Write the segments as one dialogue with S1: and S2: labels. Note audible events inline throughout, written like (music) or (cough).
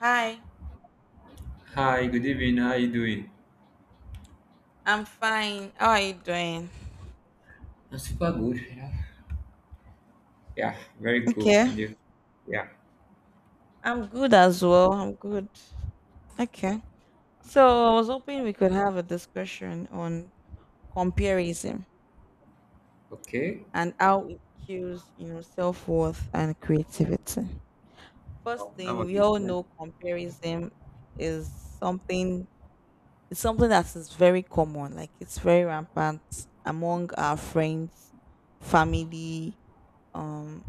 S1: Hi,
S2: Hi, good evening. How you doing?
S1: I'm fine. How are you doing?
S2: I'm super good, you Yeah, very cool.
S1: Okay.
S2: And you? Yeah.
S1: I'm good as well. I'm good. Okay. So I was hoping we could have a discussion on comparison
S2: Okay.
S1: and how it kills, you know, self-worth and creativity. First
S2: Wow, that
S1: thing,
S2: was
S1: we
S2: it.
S1: all
S2: Yeah.
S1: know comparison is something it's something that is very common, like it's very rampant among our friends, family, um,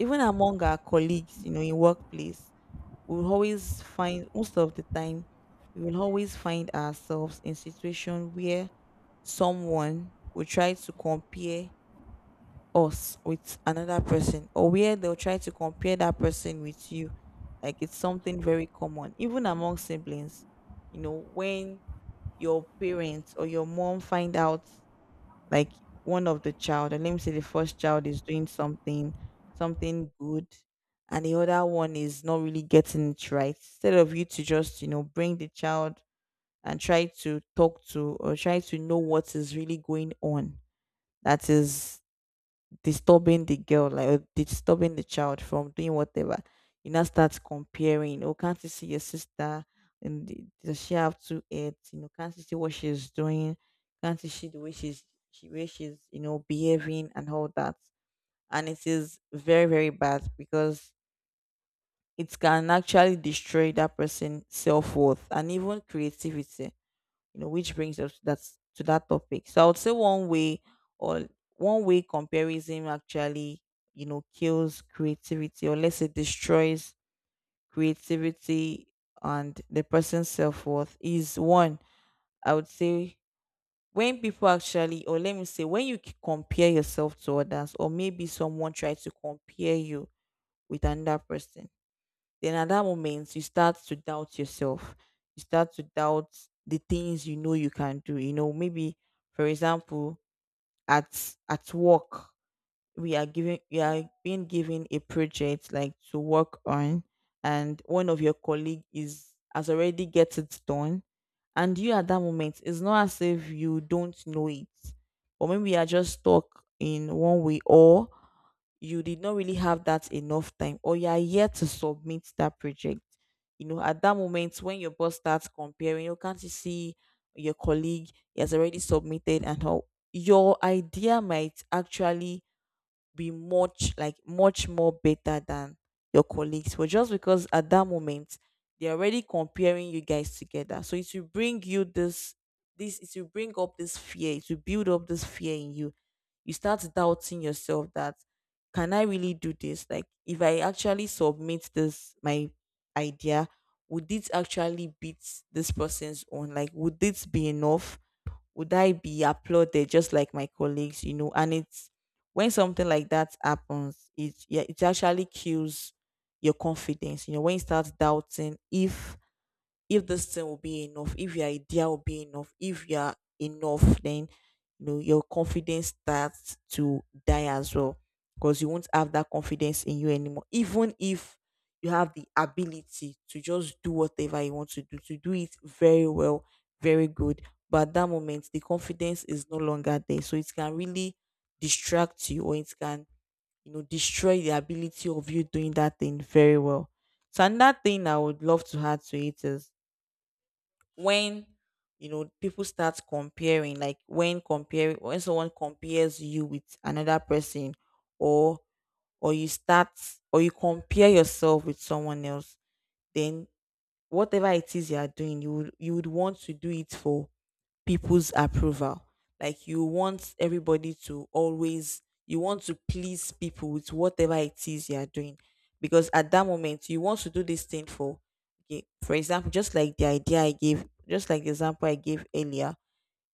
S1: even among our colleagues, you know, in workplace. We'll always find most of the time We will always find ourselves in situation where someone will try to compare us with another person, or where they'll try to compare that person with you. Like it's something very common even among siblings, you know, when your parents or your mom find out, like, one of the child, and let me say the first child is doing something something good, and the other one is not really getting it right, instead of you to just, you know, bring the child and try to talk to or try to know what is really going on, that is disturbing the girl, like, or disturbing the child from doing whatever. You now start comparing. Oh, can't you see your sister? Does she have two heads? You know, can't you see what she's doing? Can't you see the way she way she's, you know, behaving and all that? And it is very very bad, because it can actually destroy that person's self worth and even creativity, you know, which brings us to that topic. So I would say one way or comparison actually, you know, kills creativity, or let's say destroys creativity and the person's self-worth is one. I would say when people actually, or let me say when compare yourself to others, or maybe someone tries to compare you with another person, then at that moment you start to doubt yourself, you start to doubt the things you know you can do. You know, maybe for example, at work, we are given you are being given a project like to work on, and one of your colleague is has already get it done, and you at that moment, it's not as if you don't know it, or maybe you are just stuck in one way, or you did not really have that enough time, or you are yet to submit that project. You know, at that moment when your boss starts comparing, you can't you see your colleague, he has already submitted? And how your idea might actually be much more better than your colleagues, but just because at that moment they're already comparing you guys together, so it will bring you this it will bring up this fear, it will build up this fear in you. You start doubting yourself that can I really do this? Like if I actually submit this my idea, would it actually beat this person's own, like would this be enough, would I be applauded just like my colleagues, you know? And it's when something like that happens, it yeah, it actually kills your confidence. You know, when you start doubting if this thing will be enough, if your idea will be enough, if you are enough, then, you know, your confidence starts to die as well, because you won't have that confidence in you anymore. Even if you have the ability to just do whatever you want to do it very well, very good. But at that moment, the confidence is no longer there. So it can really distract you, or it can, you know, destroy the ability of you doing that thing very well. So another thing I would love to add to it is when, you know, people start comparing, like when someone compares you with another person, or or you start, or you compare yourself with someone else, then whatever it is you are doing, you would want to do it for people's approval. Like you want everybody to always, you want to please people with whatever it is you are doing. Because at that moment, you want to do this thing for, okay, for example, just like the idea I gave, just like the example I gave earlier,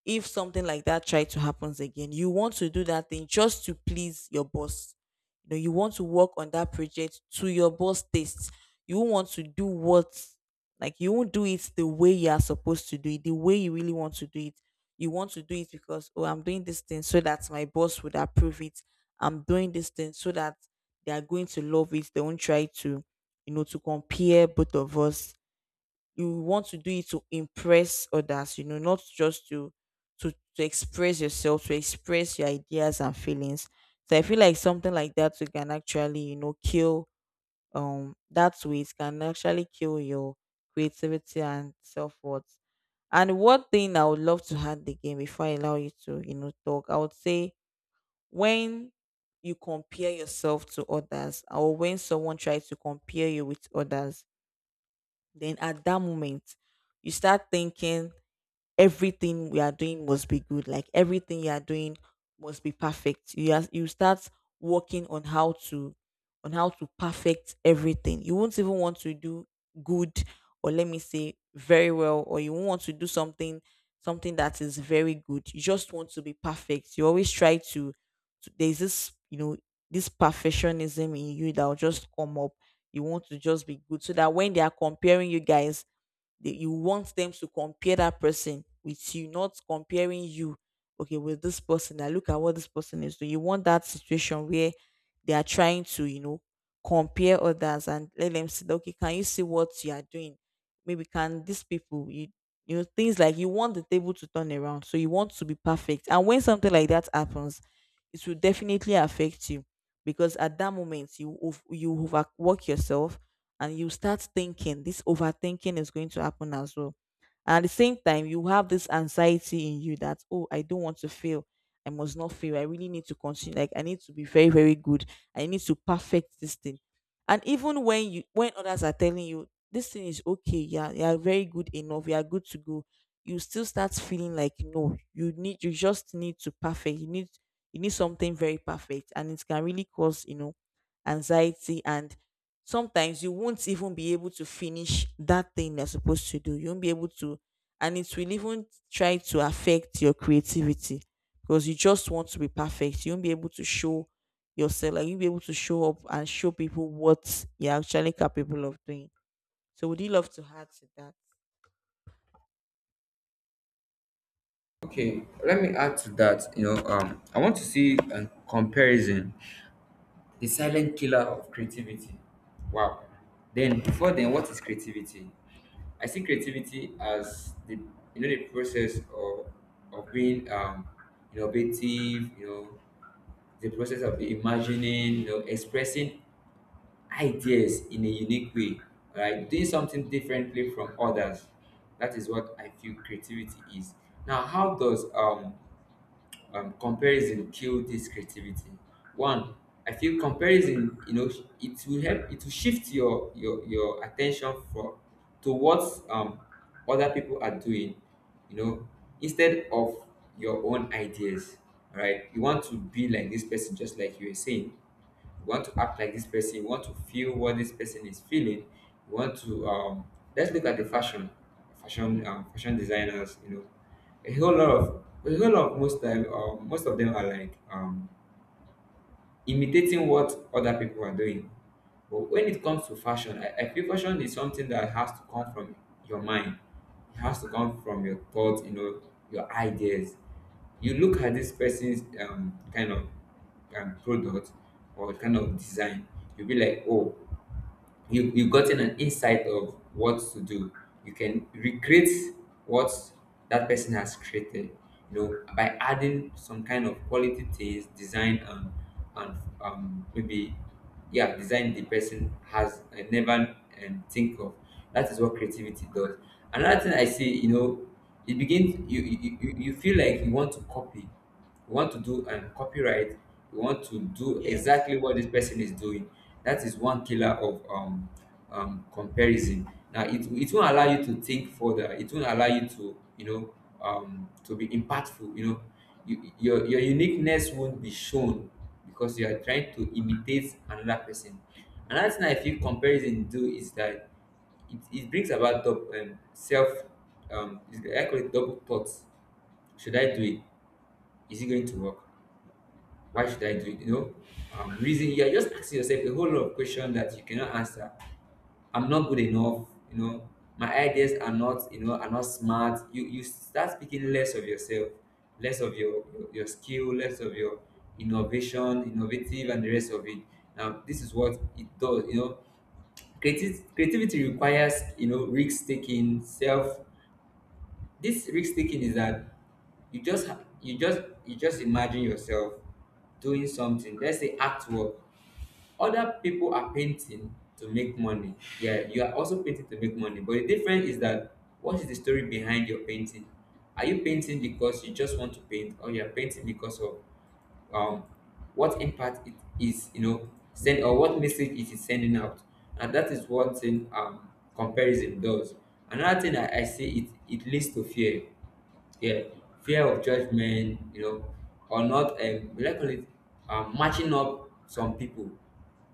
S1: if something like that try to happens again, you want to do that thing just to please your boss. You know, you want to work on that project to your boss taste. You won't want to do what, like you won't do it the way you are supposed to do it, the way you really want to do it. You want to do it because, oh, I'm doing this thing so that my boss would approve it, I'm doing this thing so that they are going to love it, they won't try to, you know, to compare both of us. You want to do it to impress others, you know, not just to express yourself, to express your ideas and feelings. So I feel like something like that, you can actually, you know, kill, that way it can actually kill your creativity and self-worth. And one thing I would love to add again before I allow you to, you know, talk, I would say when you compare yourself to others, or when someone tries to compare you with others, then at that moment, you start thinking everything we are doing must be good. Like everything you are doing must be perfect. You start working on how to perfect everything. You won't even want to do good, or let me say very well, or you won't want to do something something that is very good. You just want to be perfect. You always try to, there's this, you know, this perfectionism in you that will just come up. You want to just be good so that when they are comparing you guys, you want them to compare that person with you, not comparing you, okay, with this person. Now look at what this person is doing. You want that situation where they are trying to, you know, compare others and let them see that, okay, can you see what you are doing? Maybe can these people, you know, things like, you want the table to turn around. So you want to be perfect. And when something like that happens, it will definitely affect you, because at that moment you overwork yourself, and you start thinking, this overthinking is going to happen as well. And at the same time, you have this anxiety in you that, oh, I don't want to fail, I must not fail, I really need to continue, like I need to be very very good, I need to perfect this thing. And even when others are telling you this thing is okay, yeah, you are very good enough, you are good to go, you still start feeling like, no, you just need to perfect, you need something very perfect. And it can really cause, you know, anxiety and, sometimes you won't even be able to finish that thing you're supposed to do, you won't be able to, and it will even try to affect your creativity, because you just want to be perfect, you won't be able to show yourself, like you'll be able to show up and show people what you're actually capable of doing. So would you love to add to that?
S2: Okay. Let me add to that. You know, I want to see a comparison. The silent killer of creativity. Wow. Then before then, what is creativity? I see creativity as the you know the process of of being innovative, you know, the process of imagining, you know, expressing ideas in a unique way, right? Doing something differently from others. That is what I feel creativity is. Now, how does comparison kill this creativity? One, I feel comparison, you know, it will shift your attention for to what um other people are doing, you know, instead of your own ideas. Right? You want to be like this person, just like you were saying. You want to act like this person, you want to feel what this person is feeling, you want to let's look at the fashion designers. You know, a whole lot of most time, most of them are like imitating what other people are doing. But when it comes to fashion, I feel fashion is something that has to come from your mind. It has to come from your thoughts, you know, your ideas. You look at this person's kind of product or kind of design, you'll be like, oh, you've gotten an insight of what to do. You can recreate what that person has created, you know, by adding some kind of quality things design and maybe, yeah, design the person has never think of. That is what creativity does. Another thing I see, you know, it begins you feel like you want to copy, we want to do copyright, we want to do
S1: Yes,
S2: exactly what this person is doing. That is one killer of comparison. Now it won't allow you to think further, it won't allow you to, you know, to be impactful. You know, your uniqueness won't be shown because you are trying to imitate another person. Another thing I feel comparison do is that it brings about self I call it double thoughts. Should I do it? Is it going to work? Why should I do it? You know, reason you're just asking yourself a whole lot of questions that you cannot answer. I'm not good enough. You know, my ideas are not. You know, are not smart. You start speaking less of yourself, less of your skill, less of your innovative, and the rest of it. Now, this is what it does. You know, creativity requires, you know, risk taking, self. This risk taking is that you just imagine yourself doing something, let's say act work. Other people are painting to make money. Yeah, you are also painting to make money. But the difference is that what is the story behind your painting? Are you painting because you just want to paint, or you are painting because of um what impact it is, you know, send or what message it is sending out? And that is one thing comparison does. Another thing I see, it leads to fear. Yeah, fear of judgment, you know, or not, we like call it, matching up some people.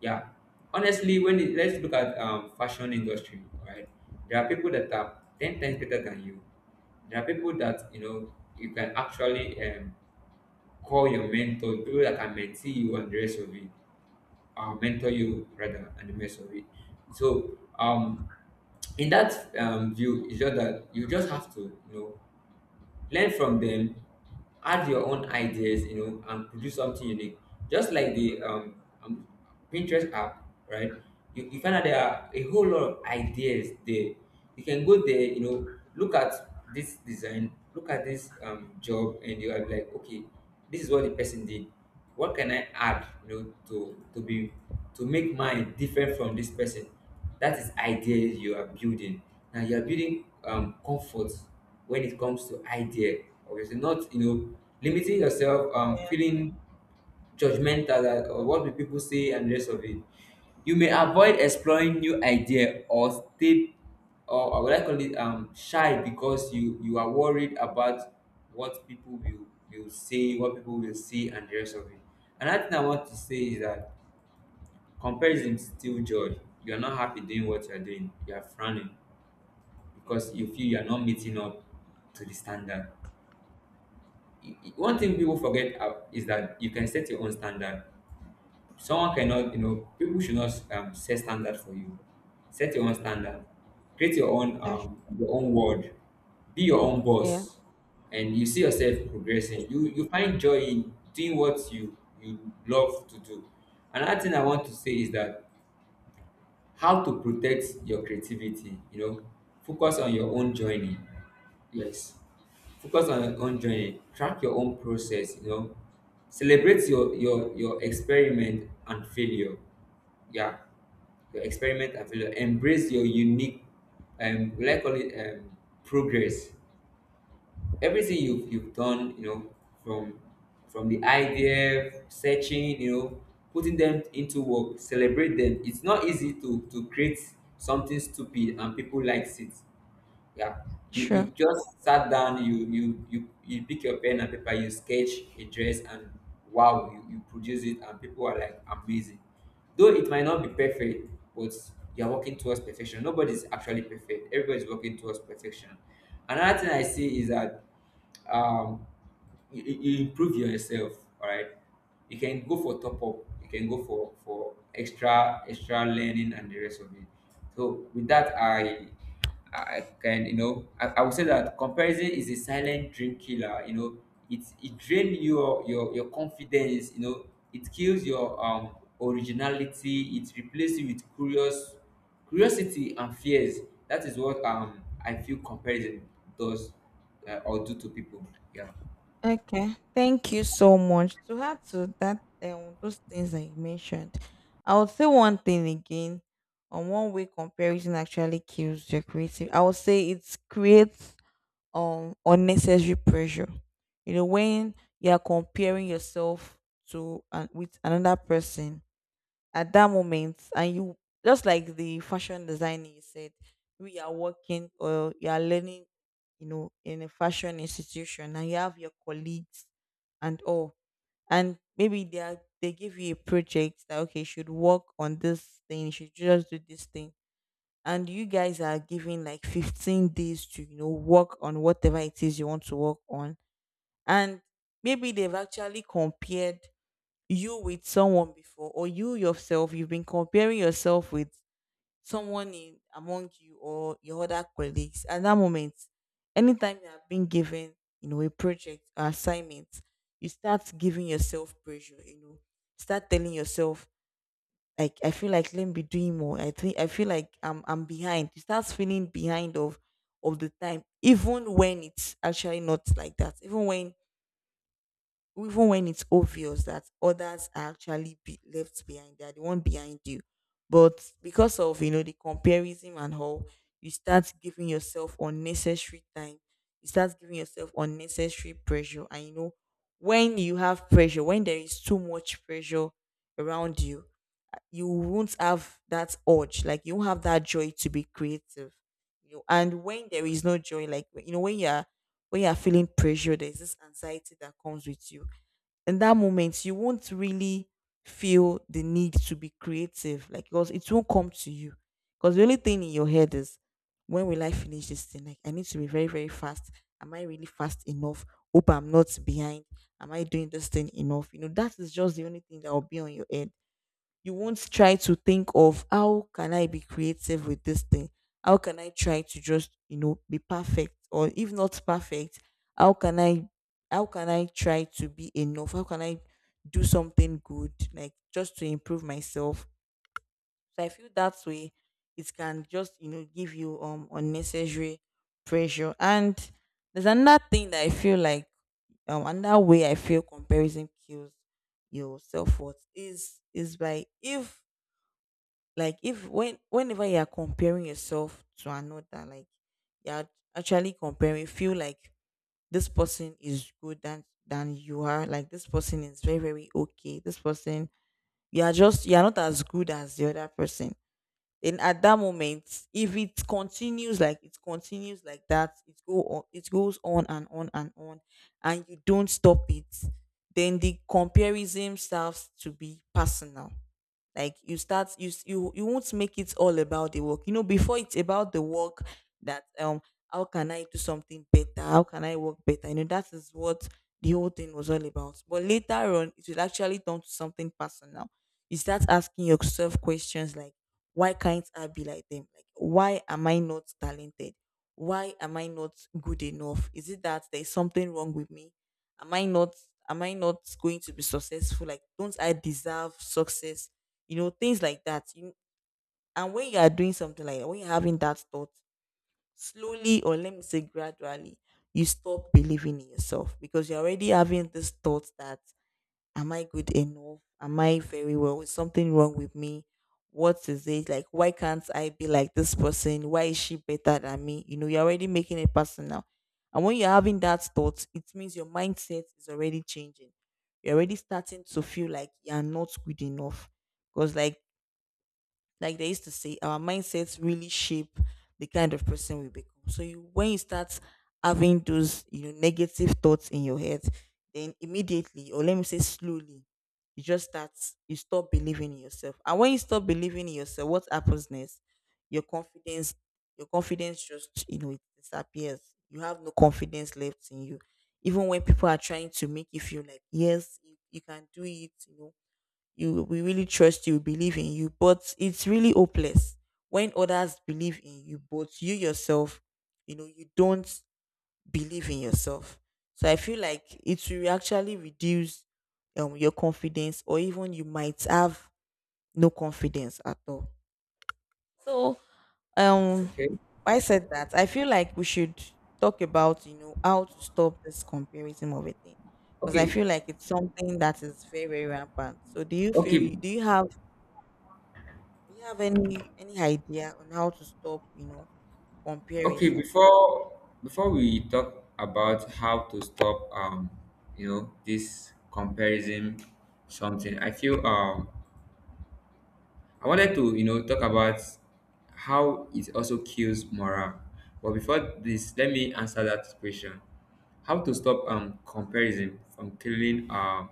S2: Yeah, honestly, when it, let's look at fashion industry, right? There are people that are ten times better than you. There are people that, you know, you can actually call your mentor, people that can mentor you and the rest of it, or mentor you rather and the rest of it. So in that view, it's just that you just have to, you know, learn from them, add your own ideas, you know, and produce something unique, just like the um Pinterest app, right? you find out there are a whole lot of ideas there. You can go there, you know, look at this design, look at this job and you are like, okay, this is what the person did. What can I add, you know, to be to make mine different from this person? That is idea you are building. Now you are building comfort when it comes to idea, obviously not, you know, limiting yourself,
S1: yes,
S2: feeling judgmental that, or what will people say and the rest of it. You may avoid exploring new idea or stay or, what I call it shy because you are worried about what people will say, what people will see and the rest of it. Another thing I want to say is that comparison steal joy. You are not happy doing what you are doing, you are frowning because
S1: yes,
S2: you feel you are not meeting up to the standard. One thing people forget, is that you can set your own standard. Someone cannot, you know, people should not, set standard for you. Set your own standard. Create your own world, be your own
S1: yes,
S2: boss, and you see yourself progressing. You find joy in doing what you love to do. Another thing I want to say is that how to protect your creativity. You know, focus on your own journey. Yes, focus on your own journey, track your own process, you know, celebrate your experiment and failure. Yeah, your experiment and failure. Embrace your unique, we like call it progress. Everything you've done, you know, from from the idea, searching, you know, putting them into work, celebrate them. It's not easy to create something stupid and people likes it. Yeah. You
S1: sure.
S2: you just sat down, you pick your pen and paper, you sketch a dress and wow, you produce it and people are like, amazing. Though it might not be perfect, but you're working towards perfection. Nobody's actually perfect. Everybody's working towards perfection. Another thing I see is that um, you, you you improve yourself. All right, you can go for top up. You can go for extra extra learning and the rest of it. So with that, I can, you know, I would say that comparison is a silent dream killer. You know, it drains your confidence. You know, it kills your originality. It replaces you with curious curiosity and fears. That is what I feel comparison does, or do to people. Yeah.
S1: Okay, thank you so much. To add to that, those things that you mentioned, I would say one thing again. On one way, comparison actually kills your creative. I would say it creates unnecessary pressure. You know, when you are comparing yourself to and with another person, at that moment and you just like the fashion designer you said, we are working or you are learning, in a fashion institution, and you have your colleagues and all. And maybe they give you a project that, okay, you should work on this thing, you should just do this thing, and you guys are given like 15 days to, you know, work on whatever it is you want to work on. And maybe they've actually compared you with someone before, or you yourself, you've been comparing yourself with someone in among you or your other colleagues. At that moment, anytime you have been given, you know, a project or assignment, you start giving yourself pressure, you know, start telling yourself, like, I feel like let me be doing more, I think I feel like I'm behind. You start feeling behind of the time, even when it's actually not like that, even when it's obvious that others are actually be left behind, they are the one behind you. But because of, you know, the comparison, and how you start giving yourself unnecessary time, you start giving yourself unnecessary pressure. And, you know, when you have pressure, when there is too much pressure around you, you won't have that urge, like you won't have that joy to be creative. You know, and when there is no joy, like, you know, when you're feeling pressure, there's this anxiety that comes with you. In that moment, you won't really feel the need to be creative, like, because it won't come to you, because the only thing in your head is, when will I finish this thing? Like, I need to be very, very fast. Am I really fast enough? Hope I'm not behind. Am I doing this thing enough? You know, that is just the only thing that will be on your head. You won't try to think of, how can I be creative with this thing? How can I try to just, you know, be perfect? Or if not perfect, how can I how can I try to be enough? How can I do something good, like just to improve myself? So I feel that way, it can just, you know, give you unnecessary pressure. And there's another thing that I feel like, another way I feel comparison kills your self worth is, by, if, like, if when, whenever you are comparing yourself to another, like, you're actually comparing, feel like this person is good than you are, like this person is very, very okay, this person, you are just, you are not as good as the other person. Then at that moment, if it continues, like it continues like that, it go on, it goes on and on and on, and you don't stop it, then the comparison starts to be personal. Like you start, you s- you won't make it all about the work. You know, before it's about the work, that, how can I do something better? How can I work better? You know, that is what the whole thing was all about. But later on it will actually turn to something personal. You start asking yourself questions like, why can't I be like them? Like, why am I not talented? Why am I not good enough? Is it that there's something wrong with me? Am I not am I not going to be successful? Like, don't I deserve success? You know, things like that. You, and when you are doing something like that, when you're having that thought, slowly, or let me say gradually, you stop believing in yourself, because you're already having this thought that, am I good enough? Am I very well? Is something wrong with me? What is it? Like, why can't I be like this person? Why is she better than me? You know, you're already making it personal. And when you're having that thought, it means your mindset is already changing. You're already starting to feel like you're not good enough. Because, like they used to say, our mindsets really shape the kind of person we become. So you, when you start having those, you know, negative thoughts in your head, then immediately, or let me say slowly, you just start, you stop believing in yourself. And when you stop believing in yourself, what happens next? Your confidence, your confidence just, you know, it disappears. You have no confidence left in you. Even when people are trying to make you feel like, yes, you, can do it, you know, you, we really trust you, believe in you, but it's really hopeless when others believe in you, but you yourself, you know, you don't believe in yourself. So I feel like it will actually reduce your confidence, or even you might have no confidence at all. So, um
S2: Okay.
S1: I said that I feel like we should talk about, you know, how to stop this comparison of a thing, because I
S2: Okay.
S1: feel like it's something that is very, very rampant. So do you feel,
S2: Okay.
S1: you, do you have, do you have any idea on how to stop, you know,
S2: Okay,
S1: comparison?
S2: before before we talk about how to stop you know this comparison something, I feel I wanted to, you know, talk about how it also kills morale. But before this, let me answer that question. How to stop comparison from killing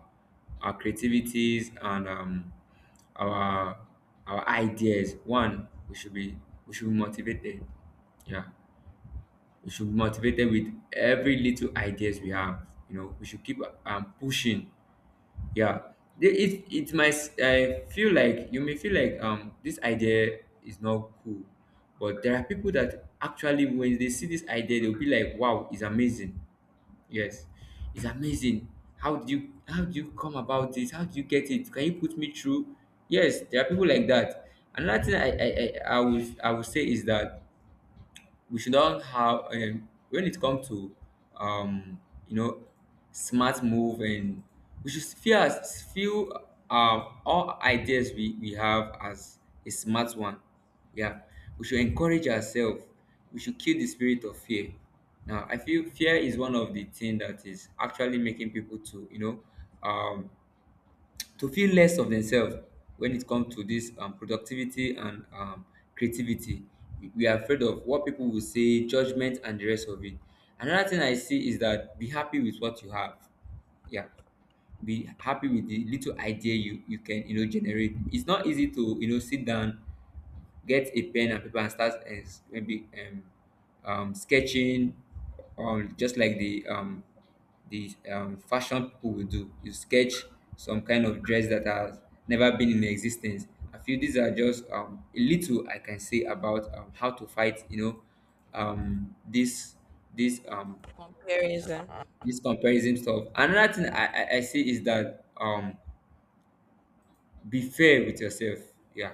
S2: our creativities and our our ideas. One, we should be motivated. Yeah. We should be motivated with every little ideas we have. You know, we should keep pushing. Yeah, it I feel like you may feel like this idea is not cool, but there are people that actually when they see this idea they'll be like, wow, it's amazing. Yes, it's amazing. How do you come about this? How do you get it? Can you put me through? Yes, there are people like that. Another thing I would say is that we should not have when it comes to um, you know smart move, and we should feel as feel all ideas we have as a smart one. Yeah, we should encourage ourselves, we should kill the spirit of fear. Now I feel fear is one of the thing that is actually making people to, you know, um, to feel less of themselves when it comes to this productivity and creativity. We are afraid of what people will say, judgment and the rest of it. Another thing I see is that be happy with what you have. Yeah, be happy with the little idea you you can, you know, generate. It's not easy to, you know, sit down, get a pen and paper and start maybe sketching just like the fashion people will do. You sketch some kind of dress that has never been in existence. I feel these are just a little I can say about how to fight, you know, this this
S1: Comparison.
S2: this comparison stuff. Another thing I see is that be fair with yourself. Yeah,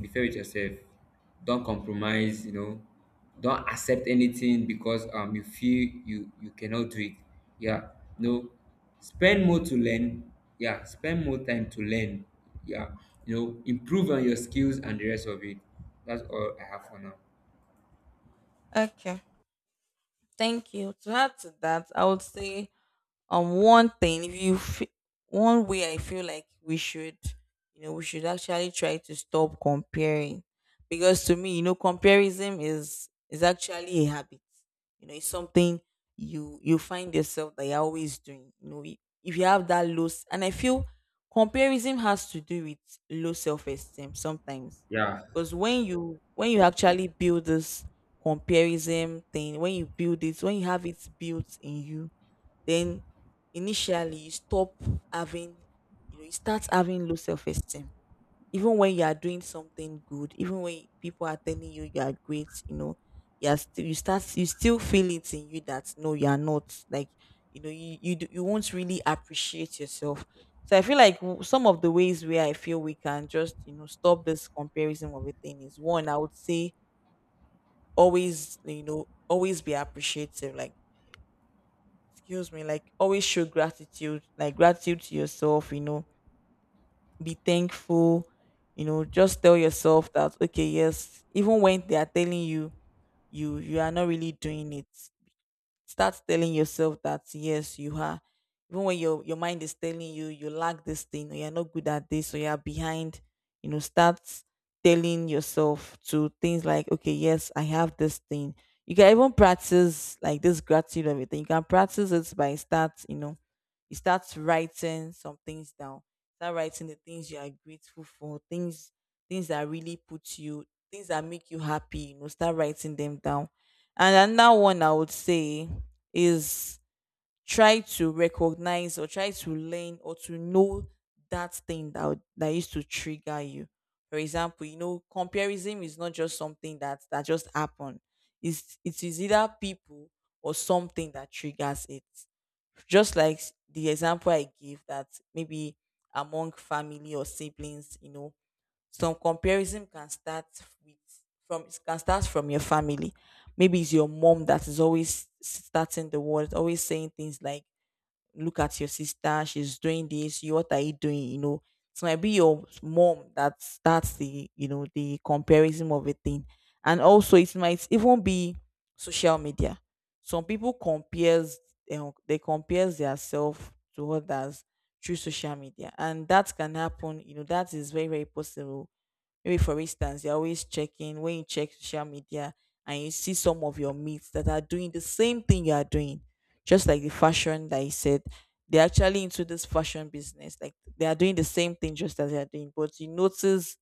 S2: be fair with yourself. Don't compromise, you know, don't accept anything because you feel you you cannot do it. Yeah, no, spend more to learn. Yeah, spend more time to learn. Yeah, you know, improve on your skills and the rest of it. That's all I have for now.
S1: Okay. Thank you. To add to that, I would say, one thing, if you one way I feel like we should, you know, we should actually try to stop comparing, because to me, you know, comparison is actually a habit. You know, it's something you, you find yourself that you're always doing. You know, if you have that low and I feel comparison has to do with low self-esteem sometimes,
S2: Yeah.
S1: because when you, when you actually build this comparison thing, when you build it, when you have it built in you, then initially you stop having, you know, you start having low self-esteem, even when you are doing something good, even when people are telling you you are great, you know, you are still, you start, you still feel it in you that no, you are not like, you know, you, you won't really appreciate yourself. So I feel like some of the ways where I feel we can just, you know, stop this comparison of a thing is, one, I would say always, you know, always be appreciative, like, excuse me, like always show gratitude, like gratitude to yourself, you know, be thankful, you know, just tell yourself that, okay, yes, even when they are telling you you, you are not really doing it, start telling yourself that yes you are, even when your mind is telling you you lack this thing or you're not good at this or you're behind, you know, start telling yourself to things like, okay, yes, I have this thing. You can even practice, like this gratitude of it, you can practice it by start, you know, you start writing some things down. Start writing the things you are grateful for, things, things that really put you, things that make you happy, you know, start writing them down. And another one I would say is, try to recognize or try to learn or to know that thing that used to trigger you. For example, you know, comparison is not just something that just happened. It's, it is either people or something that triggers it. Just like the example I gave, that maybe among family or siblings, you know, some comparison can start with, from, can start from your family. Maybe it's your mom that is always starting the world, always saying things like, "Look at your sister, she's doing this. You, what are you doing?" You know, it might be your mom that starts the, you know, the comparison of a thing, and also it might even be social media. Some people compares, you know, they compares themselves to others through social media, and that can happen. You know, that is very, very possible. Maybe for instance, you're always checking, when you check social media and you see some of your mates that are doing the same thing you are doing, just like the fashion that you said. They're actually into this fashion business. Like they are doing the same thing just as they are doing, but you notice,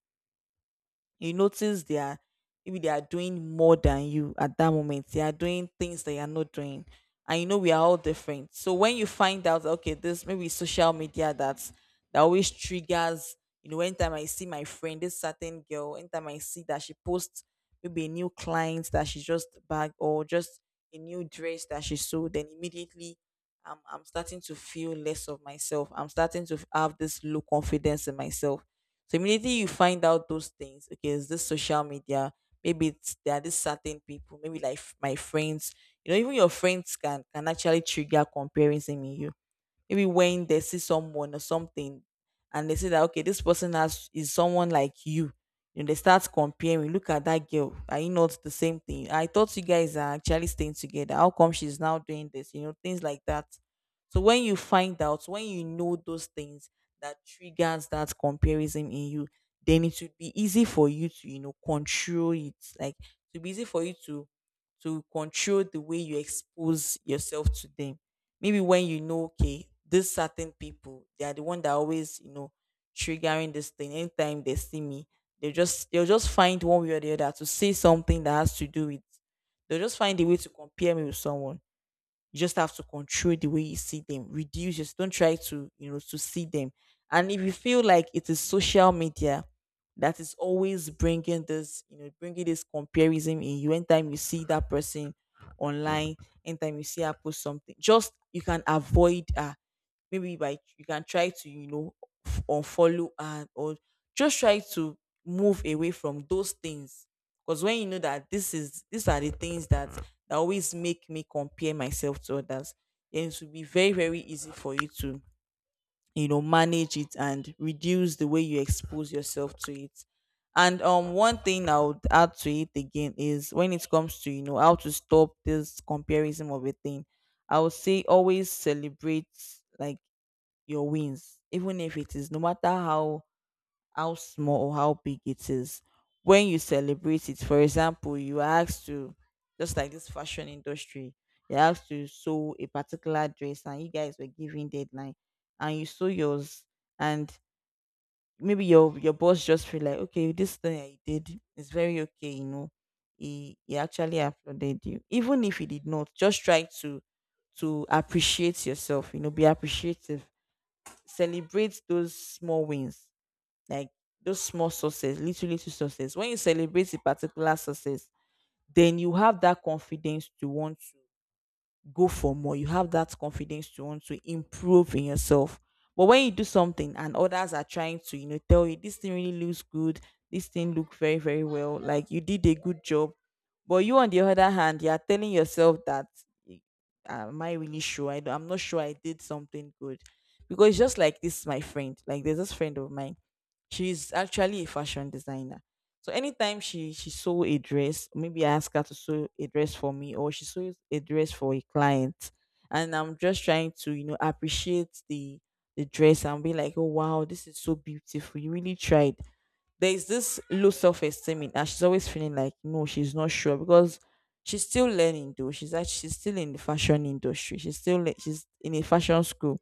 S1: you notice they are, maybe they are doing more than you, at that moment they are doing things that you are not doing. And you know we are all different. So when you find out, okay, this, maybe it's social media that's, that always triggers, you know, anytime I see my friend, this certain girl, anytime I see that she posts maybe a new client that she just bagged or just a new dress that she sold, then immediately I'm starting to feel less of myself, I'm starting to have this low confidence in myself. So immediately you find out those things. Okay, is this social media? Maybe it's, there are these certain people, maybe like my friends. You know, even your friends can actually trigger comparison in you. Maybe when they see someone or something, and they say that, okay, this person has, is someone like you. You know, they start comparing. Look at that girl. Are you not the same thing? I thought you guys are actually staying together. How come she's now doing this? You know, things like that. So when you find out, when you know those things that triggers that comparison in you, then it should be easy for you to, you know, control it. Like to be easy for you to control the way you expose yourself to them. Maybe when you know, okay, these certain people, they are the one that always, you know, triggering this thing. Anytime they see me, they just, they'll just find one way or the other to say something that has to do with, they'll just find a way to compare me with someone. You just have to control the way you see them. Reduce, just don't try to, you know, to see them. And if you feel like it is social media that is always bringing this, you know, bringing this comparison in you, anytime you see that person online, anytime you see her post something, just you can avoid her maybe by you can try to, you know, unfollow and or just try to move away from those things, because when you know that this is these are the things that always make me compare myself to others, then it will be very very easy for you to, you know, manage it and reduce the way you expose yourself to it. And one thing I would add to it again is, when it comes to, you know, how to stop this comparison of a thing, I would say always celebrate, like, your wins, even if it is, no matter how small or how big it is. When you celebrate it, for example, you are asked to, just like this fashion industry, you're asked to sew a particular dress and you guys were giving deadline, and you sew yours, and maybe your boss just feel like, okay, this thing I did is very okay, you know. He actually applauded you. Even if he did not, just try to appreciate yourself, you know, be appreciative, celebrate those small wins, like those small success, little little success. When you celebrate a particular success, then you have that confidence to want go for more. You have that confidence to want to improve in yourself. But when you do something and others are trying to, you know, tell you this thing really looks good, this thing look very, very well, like you did a good job. But you, on the other hand, you are telling yourself that, "Eh, am I really sure? I'm not sure I did something good." Because it's just like this, my friend, like there's this friend of mine. She's actually a fashion designer. So anytime she sew a dress, maybe I ask her to sew a dress for me, or she sews a dress for a client, and I'm just trying to, you know, appreciate the dress and be like, oh wow, this is so beautiful. You really tried. There is this low self esteem in her. She's always feeling like no, she's not sure because she's still learning though. She's actually she's still in the fashion industry. She's in a fashion school,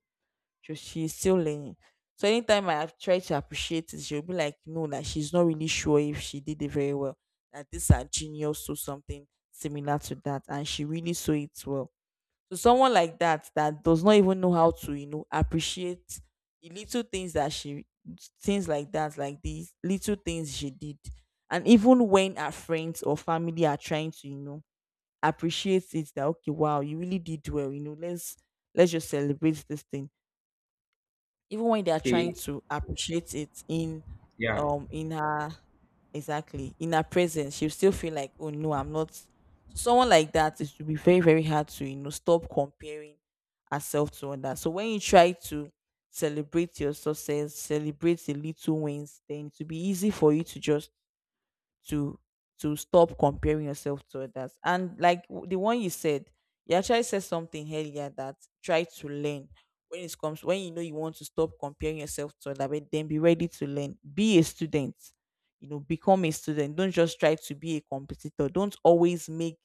S1: she's still learning. So anytime I have tried to appreciate it, she'll be like, no, that she's not really sure if she did it very well. That this her genius so something similar to that, and she really saw it well. So someone like that that does not even know how to, you know, appreciate the little things that she, things like that, like these little things she did. And even when her friends or family are trying to, you know, appreciate it that, okay, wow, you really did well, you know, let's just celebrate this thing, even when they are trying
S2: Okay.
S1: to appreciate it
S2: Yeah.
S1: in her, exactly, in her presence, she'll still feel like, oh no, I'm not so. Someone like that, it will be very very hard to, you know, stop comparing herself to others. So when you try to celebrate your success, celebrate the little wins, then it will be easy for you to just to to stop comparing yourself to others. And like the one you said, you actually said something earlier, that try to learn, when it comes, when you know you want to stop comparing yourself to other, but then be ready to learn, be a student, you know, become a student. Don't just try to be a competitor, don't always make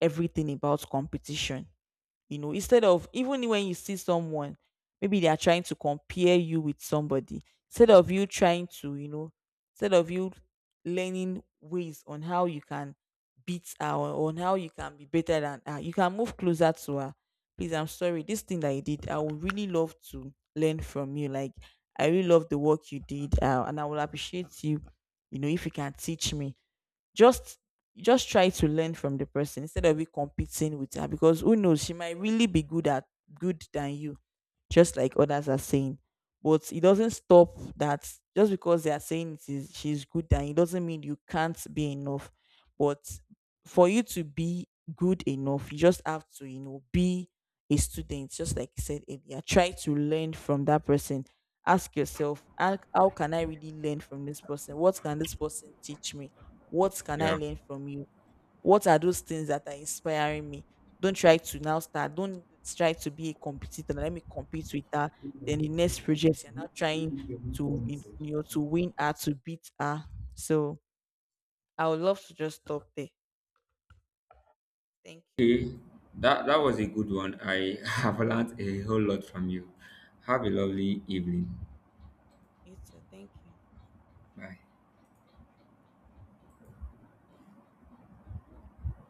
S1: everything about competition. You know, instead of, even when you see someone, maybe they are trying to compare you with somebody, instead of you trying to, you know, instead of you learning ways on how you can beat her or on how you can be better than her, you can move closer to her. "Please, I'm sorry, this thing that you did, I would really love to learn from you, like, I really love the work you did, and I will appreciate you, you know, if you can teach me." just just try to learn from the person instead of you competing with her, because who knows, she might really be good at good than you, just like others are saying. But it doesn't stop that, just because they are saying it is she's good than, it doesn't mean you can't be enough. But for you to be good enough, you just have to, you know, be a student, just like you said earlier. Try to learn from that person. Ask yourself, how can I really learn from this person? What can this person teach me? What can I
S2: Yeah.
S1: learn from you? What are those things that are inspiring me? Don't try to now start. Don't try to be a competitor. Let me compete with her. Then the next project, you're not trying to, you know, to win her, to beat her. So I would love to just stop there. Thank you.
S2: Okay, that that was a good one. I (laughs) have learned a whole lot from you. Have a lovely evening.
S1: You too. Thank you.
S2: Bye.